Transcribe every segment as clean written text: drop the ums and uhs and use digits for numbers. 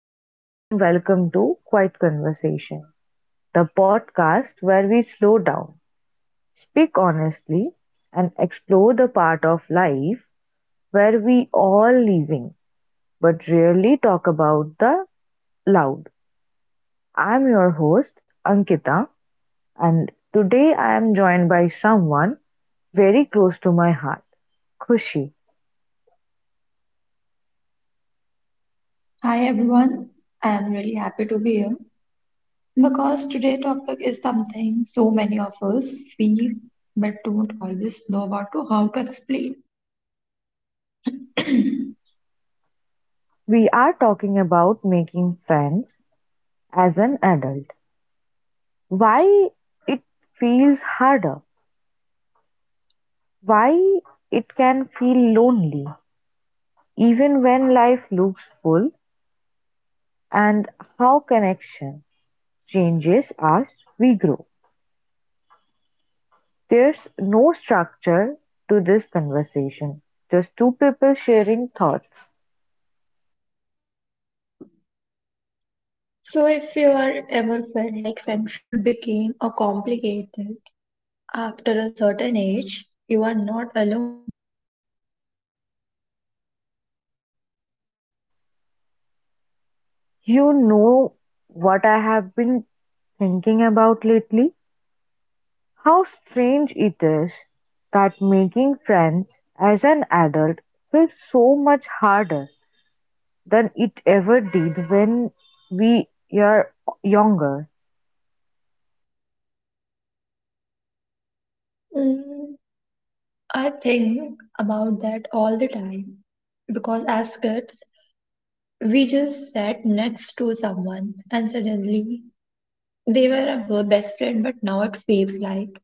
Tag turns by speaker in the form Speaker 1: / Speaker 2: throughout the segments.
Speaker 1: Hello and welcome to Quiet Conversation, the podcast where we slow down, speak honestly, and explore the part of life where we all living but rarely talk about the loud. I'm your host Ankita and today I am joined by someone very close to my heart, Khushi.
Speaker 2: Hi everyone, I am really happy to be here because today' topic is something so many of us feel but don't always know about to how to explain.
Speaker 1: We are talking about making friends as an adult. Why it feels harder, why it can feel lonely even when life looks full, and how connection changes as we grow. There's no structure to this conversation, just two people sharing thoughts.
Speaker 2: So, if you are ever felt like friendship became a complicated after a certain age, you are not alone.
Speaker 1: You know what I have been thinking about lately? How strange it is that making friends as an adult feels so much harder than it ever did when we are younger.
Speaker 2: Mm, I think about that all the time because as kids, we just sat next to someone and suddenly they were a best friend, but now it feels like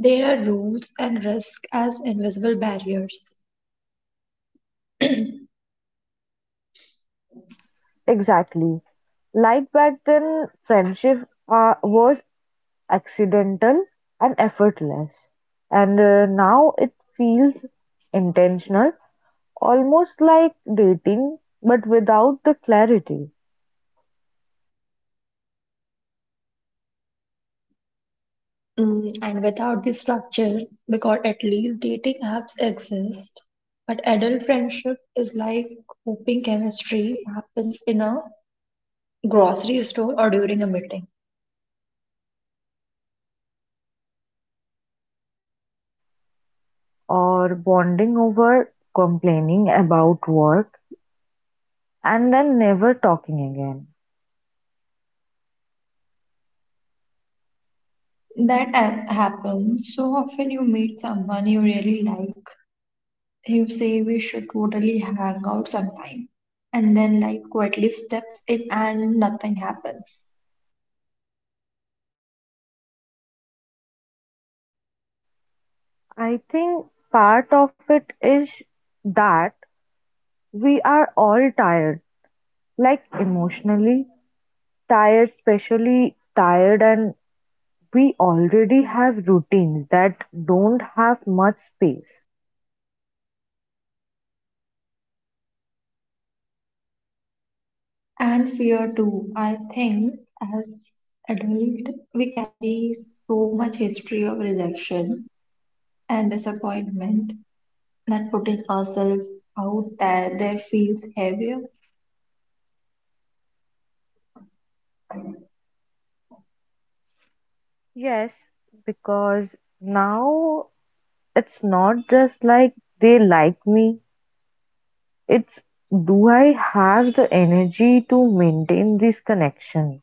Speaker 2: there are rules and risks as invisible barriers.
Speaker 1: Exactly. Like back then, friendship was accidental and effortless. And now it feels intentional, almost like dating, but without the clarity,
Speaker 2: Mm, and without the structure, because at least dating apps exist, but adult friendship is like hoping chemistry happens in a grocery store or during a meeting.
Speaker 1: or bonding over complaining about work and then never talking again.
Speaker 2: Happens so often. You meet someone you really like, you say we should totally hang out sometime, and then like quietly steps in and nothing happens.
Speaker 1: I think part of it is that we are all tired, like emotionally tired, especially tired, and we already have routines that don't have much space.
Speaker 2: And fear too. I think as adult we carry so much history of rejection and disappointment that putting ourselves out there feels heavier.
Speaker 1: Yes, because now it's not just like they like me, it's do I have the energy to maintain this connection?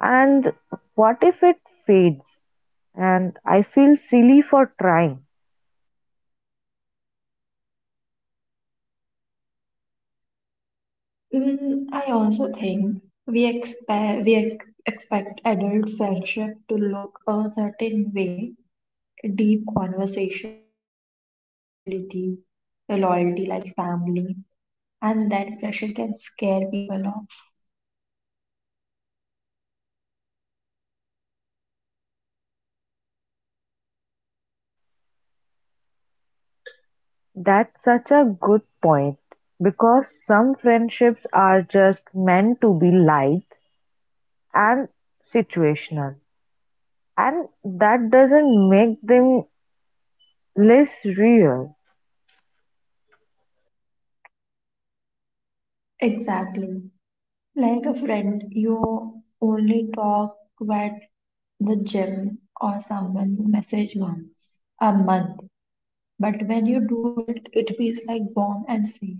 Speaker 1: And what if it fades and I feel silly for trying?
Speaker 2: Mm, I also think we expect adult friendship to look a certain way. Deep conversations, constant availability, a loyalty like family, and that pressure can scare people off.
Speaker 1: That's such a good point, because some friendships are just meant to be light and situational, and that doesn't make them less real.
Speaker 2: Exactly. Like a friend, you only talk at the gym or someone you message once a month. But when you do it, it feels like warm and safe.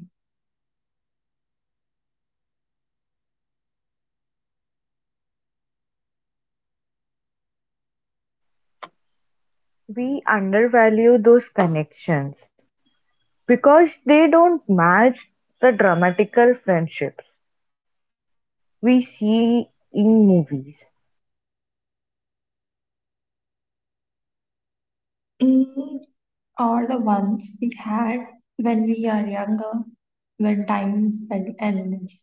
Speaker 1: We undervalue those connections because they don't match the dramatical friendships we see in movies.
Speaker 2: Or the ones we had when we are younger, when time felt endless.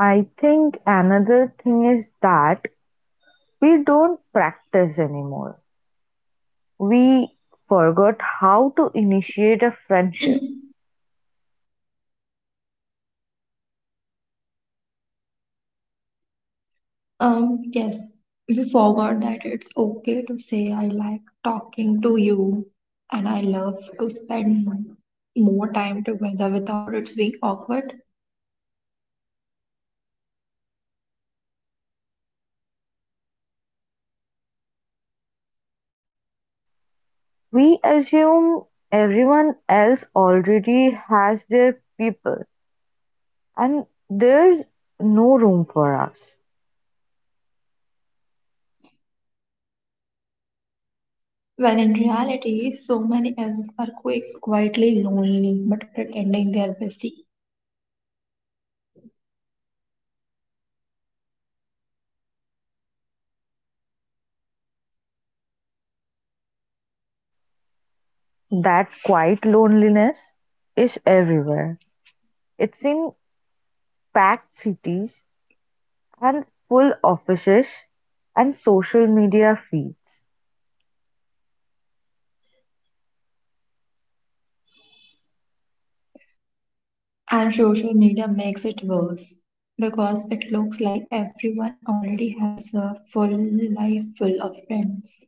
Speaker 1: I think another thing is that we don't practice anymore. We forgot how to initiate a friendship.
Speaker 2: Yes, we forgot that it's okay to say I like talking to you and I love to spend more time together without it being awkward.
Speaker 1: We assume everyone else already has their people, and there's no room for us.
Speaker 2: When in reality, so many of us are quietly lonely but pretending they're busy.
Speaker 1: That quiet loneliness is everywhere. It's in packed cities and full offices and social media feeds.
Speaker 2: And social media makes it worse because it looks like everyone already has a full life full of friends.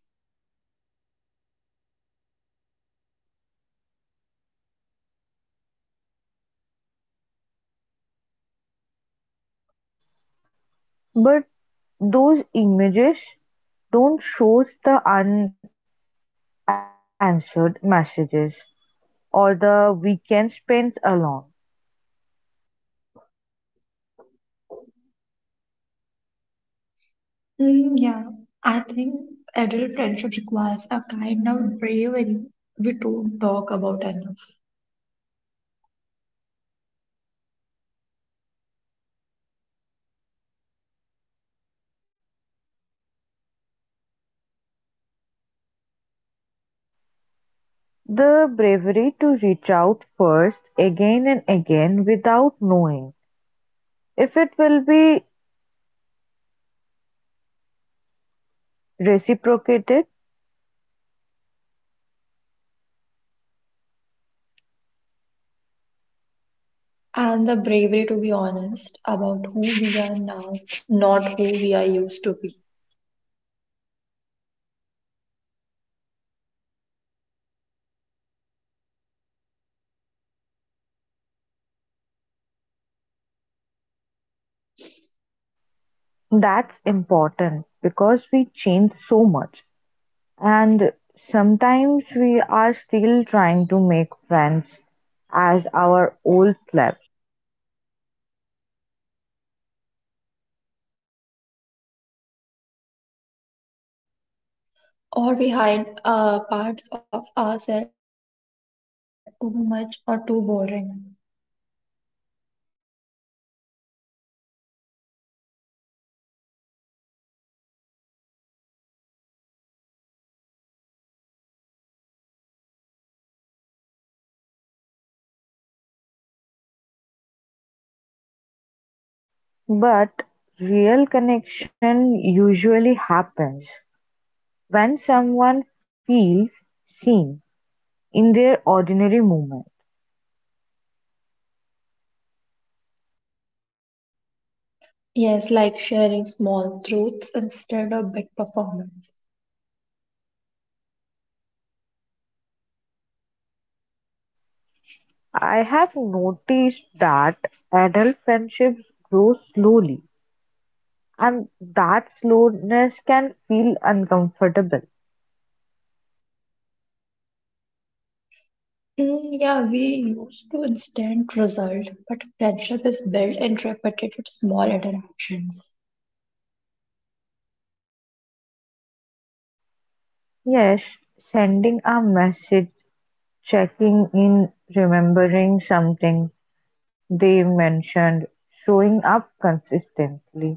Speaker 1: But those images don't show the unanswered messages or the weekend spent alone.
Speaker 2: Mm, yeah, I think adult friendship requires a kind of bravery we don't talk about enough.
Speaker 1: The bravery to reach out first again and again without knowing if it will be reciprocated.
Speaker 2: And the bravery to be honest about who we are now, not who we are used to be.
Speaker 1: That's important because we change so much, and sometimes we are still trying to make friends as our old selves.
Speaker 2: Or we hide parts of ourselves because we think they are too much or too boring.
Speaker 1: But real connection usually happens when someone feels seen in their ordinary movement.
Speaker 2: Yes, like sharing small truths instead of big performance.
Speaker 1: I have noticed that adult friendships grow slowly, and that slowness can feel uncomfortable.
Speaker 2: Mm, yeah, we used to instant result, but friendship is built in repetitive small interactions.
Speaker 1: Yes, sending a message, checking in, remembering something they mentioned, showing up consistently.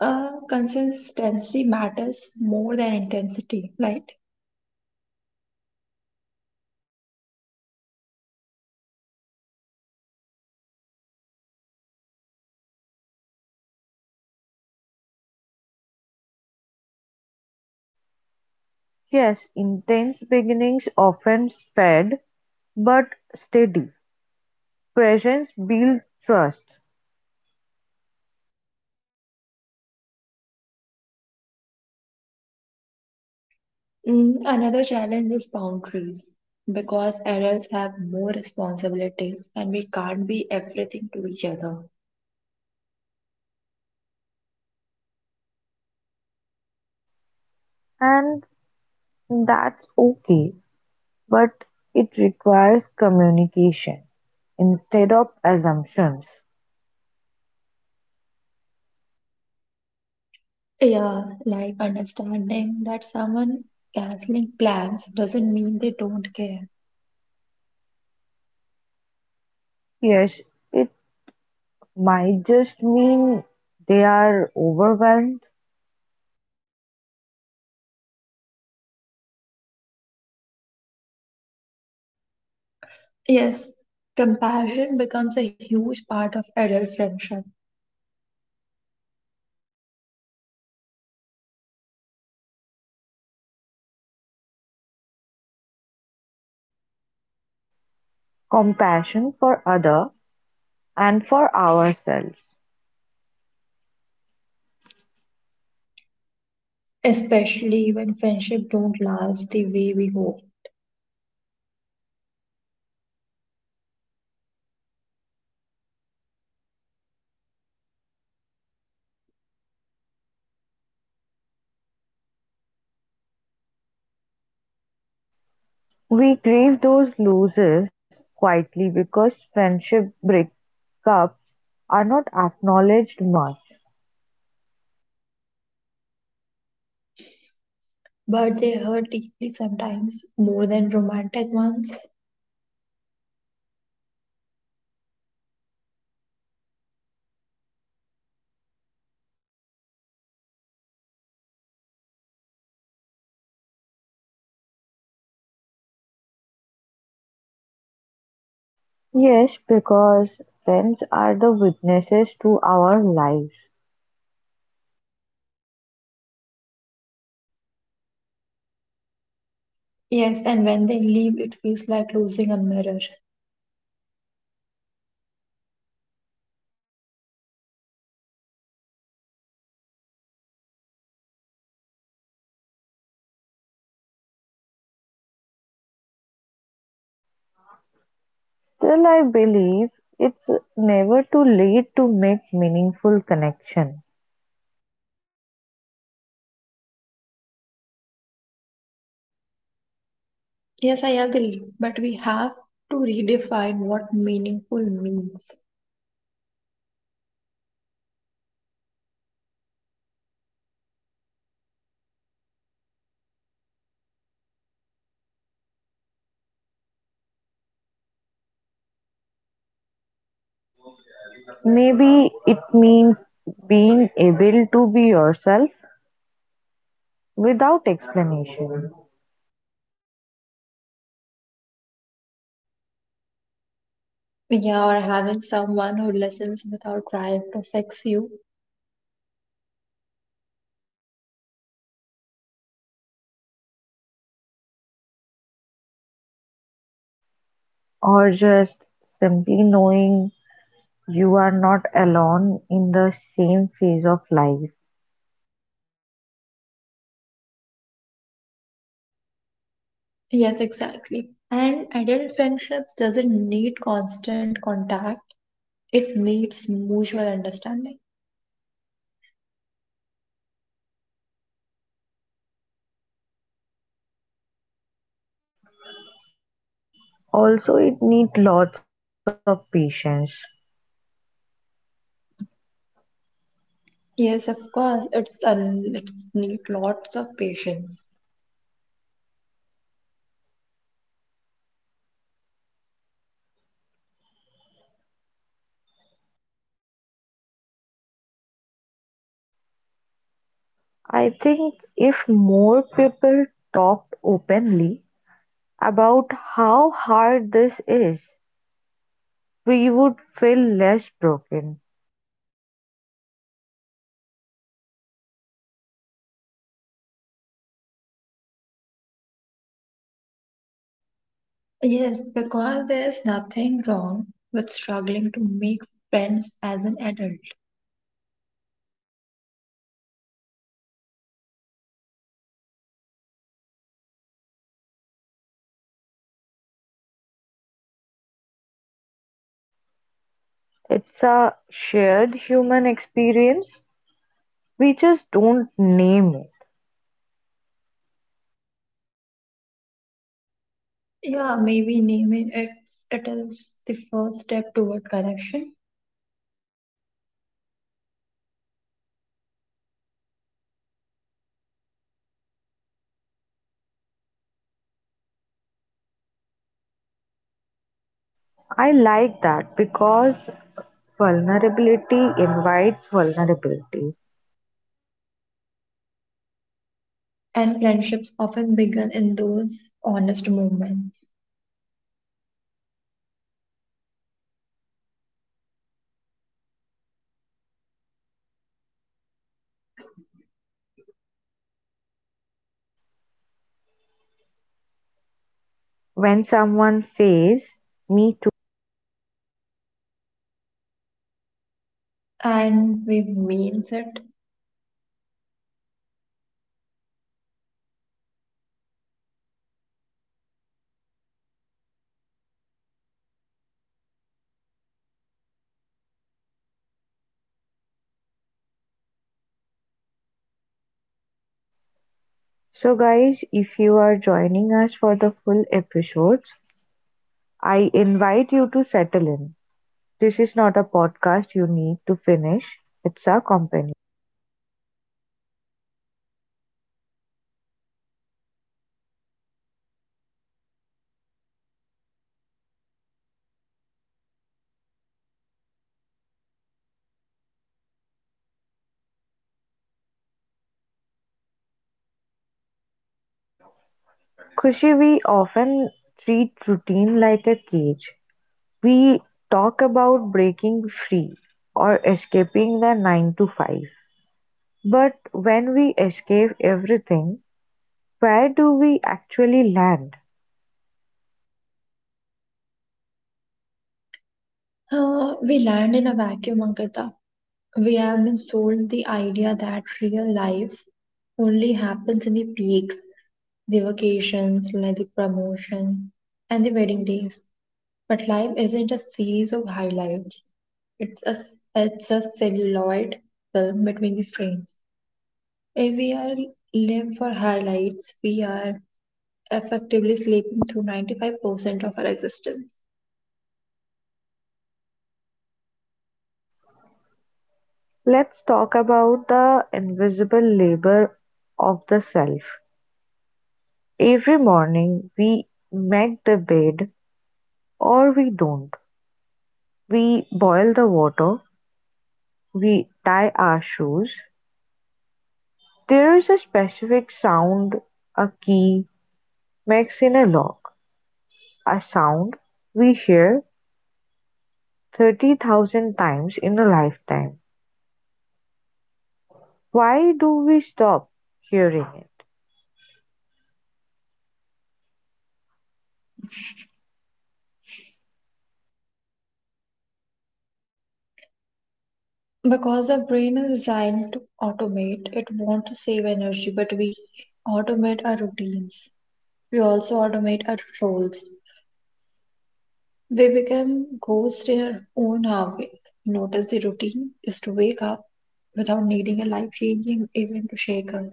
Speaker 2: Consistency matters more than intensity, right?
Speaker 1: Yes, intense beginnings often fade but steady. Presence builds trust,
Speaker 2: Mm, another challenge is boundaries because adults have more responsibilities and we can't be everything to each other.
Speaker 1: and that's okay. But it requires communication, instead of assumptions.
Speaker 2: Yeah, like understanding that someone canceling plans doesn't mean they don't care.
Speaker 1: Yes, it might just mean they are overwhelmed.
Speaker 2: Yes, compassion becomes a huge part of adult friendship,
Speaker 1: Compassion for other and for ourselves.
Speaker 2: especially when friendship don't last the way we hope.
Speaker 1: We grieve those losses quietly because friendship breakups are not acknowledged much.
Speaker 2: But they hurt deeply sometimes, more than romantic ones.
Speaker 1: Yes, because friends are the witnesses to our lives.
Speaker 2: Yes, and when they leave, it feels like losing a mirror.
Speaker 1: Still I believe it's never too late to make meaningful connection.
Speaker 2: Yes, I agree, but we have to redefine what meaningful means.
Speaker 1: Maybe it means being able to be yourself without explanation,
Speaker 2: Yeah, or having someone who listens without trying to fix you.
Speaker 1: or just simply knowing you are not alone in the same phase of life.
Speaker 2: Yes, exactly. And adult friendships doesn't need constant contact. It needs mutual understanding.
Speaker 1: Also it needs lots of patience.
Speaker 2: Yes, of course. It's need lots of patience.
Speaker 1: I think if more people talked openly about how hard this is, we would feel less broken.
Speaker 2: Yes, because there is nothing wrong with struggling to make friends as an adult.
Speaker 1: It's a shared human experience. We just don't name it.
Speaker 2: Yeah, maybe naming it is the first step toward connection,
Speaker 1: I like that because vulnerability invites vulnerability.
Speaker 2: and friendships often begin in those honest moments.
Speaker 1: When someone says, "Me too."
Speaker 2: And we means it.
Speaker 1: So, guys, if you are joining us for the full episodes, I invite you to settle in. This is not a podcast you need to finish, it's a company. Khushi, we often treat routine like a cage. We talk about breaking free or escaping the 9 to 5. But when we escape everything, where do we actually land?
Speaker 2: We land in a vacuum, Ankita. We have been sold the idea that real life only happens in the peaks, the vacations, like the promotions, and the wedding days. But life isn't a series of highlights. It's a, it's a celluloid film between the frames. If we are live for highlights, we are effectively sleeping through 95% of our existence.
Speaker 1: Let's talk about the invisible labor of the self. Every morning we make the bed or we don't. We boil the water, we tie our shoes. There is a specific sound a key makes in a lock. A sound we hear 30,000 times in a lifetime. Why do we stop hearing it?
Speaker 2: Because the brain is designed to automate, it wants to save energy, but we automate our routines. We also automate our roles. We become ghosts in our own hours. Notice the routine is to wake up without needing a life changing event to shake us.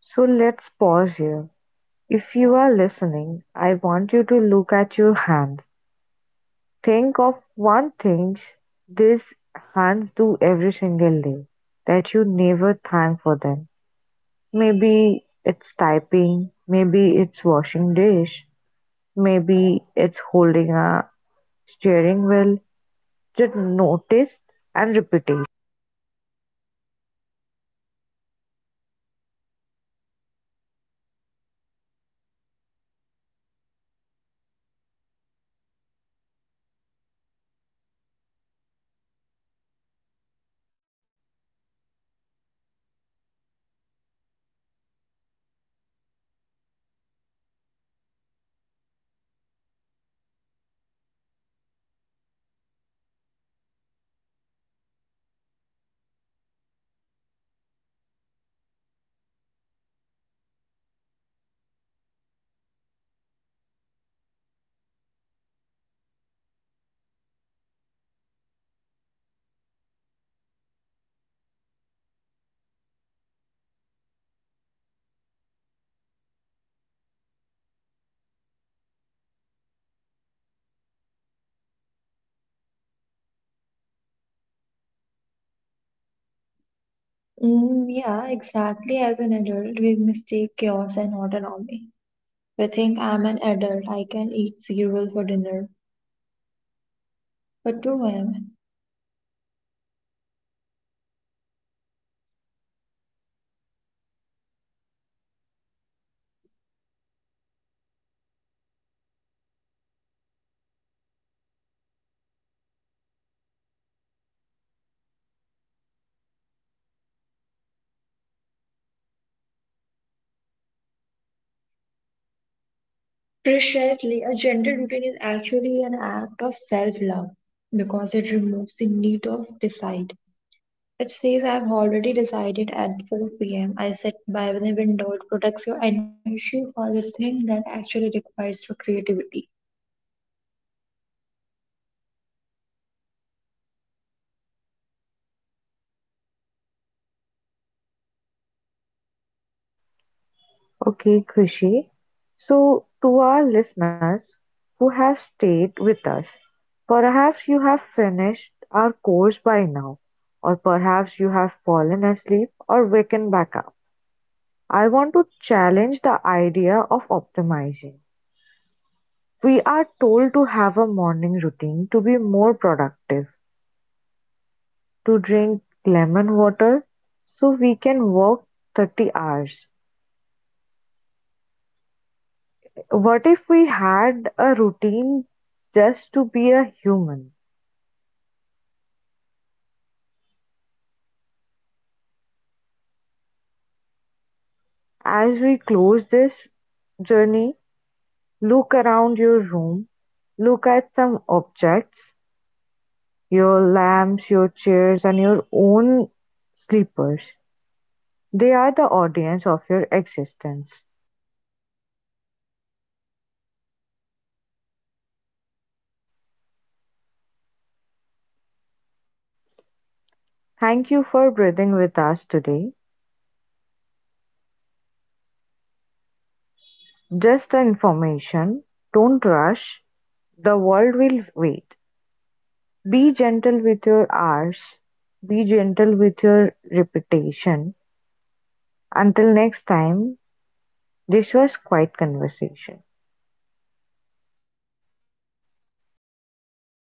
Speaker 1: So let's pause here. If you are listening, I want you to look at your hands. Think of one thing these hands do every single day that you never thank for them. Maybe it's typing, maybe it's washing dish, maybe it's holding a steering wheel, just notice and repeated.
Speaker 2: Mm, yeah, exactly. As an adult, we mistake chaos and autonomy. We think I'm an adult, I can eat cereal for dinner. But 2 a.m. Precisely, a gentle routine is actually an act of self love because it removes the need of decide. It says, I've already decided at 4 pm. I sit by the window. It protects your energy for the thing that actually requires your creativity.
Speaker 1: Okay, Krishi. So, to our listeners who have stayed with us, perhaps you have finished our course by now, or perhaps you have fallen asleep or waken back up. I want to challenge the idea of optimizing. We are told to have a morning routine to be more productive, to drink lemon water so we can work 30 hours. What if we had a routine just to be a human? As we close this journey, look around your room, look at some objects, your lamps, your chairs, and your own sleepers. They are the audience of your existence. Thank you for breathing with us today. Just the information. Don't rush. The world will wait. Be gentle with your hours, be gentle with your reputation. Until next time, this was Quiet Conversation.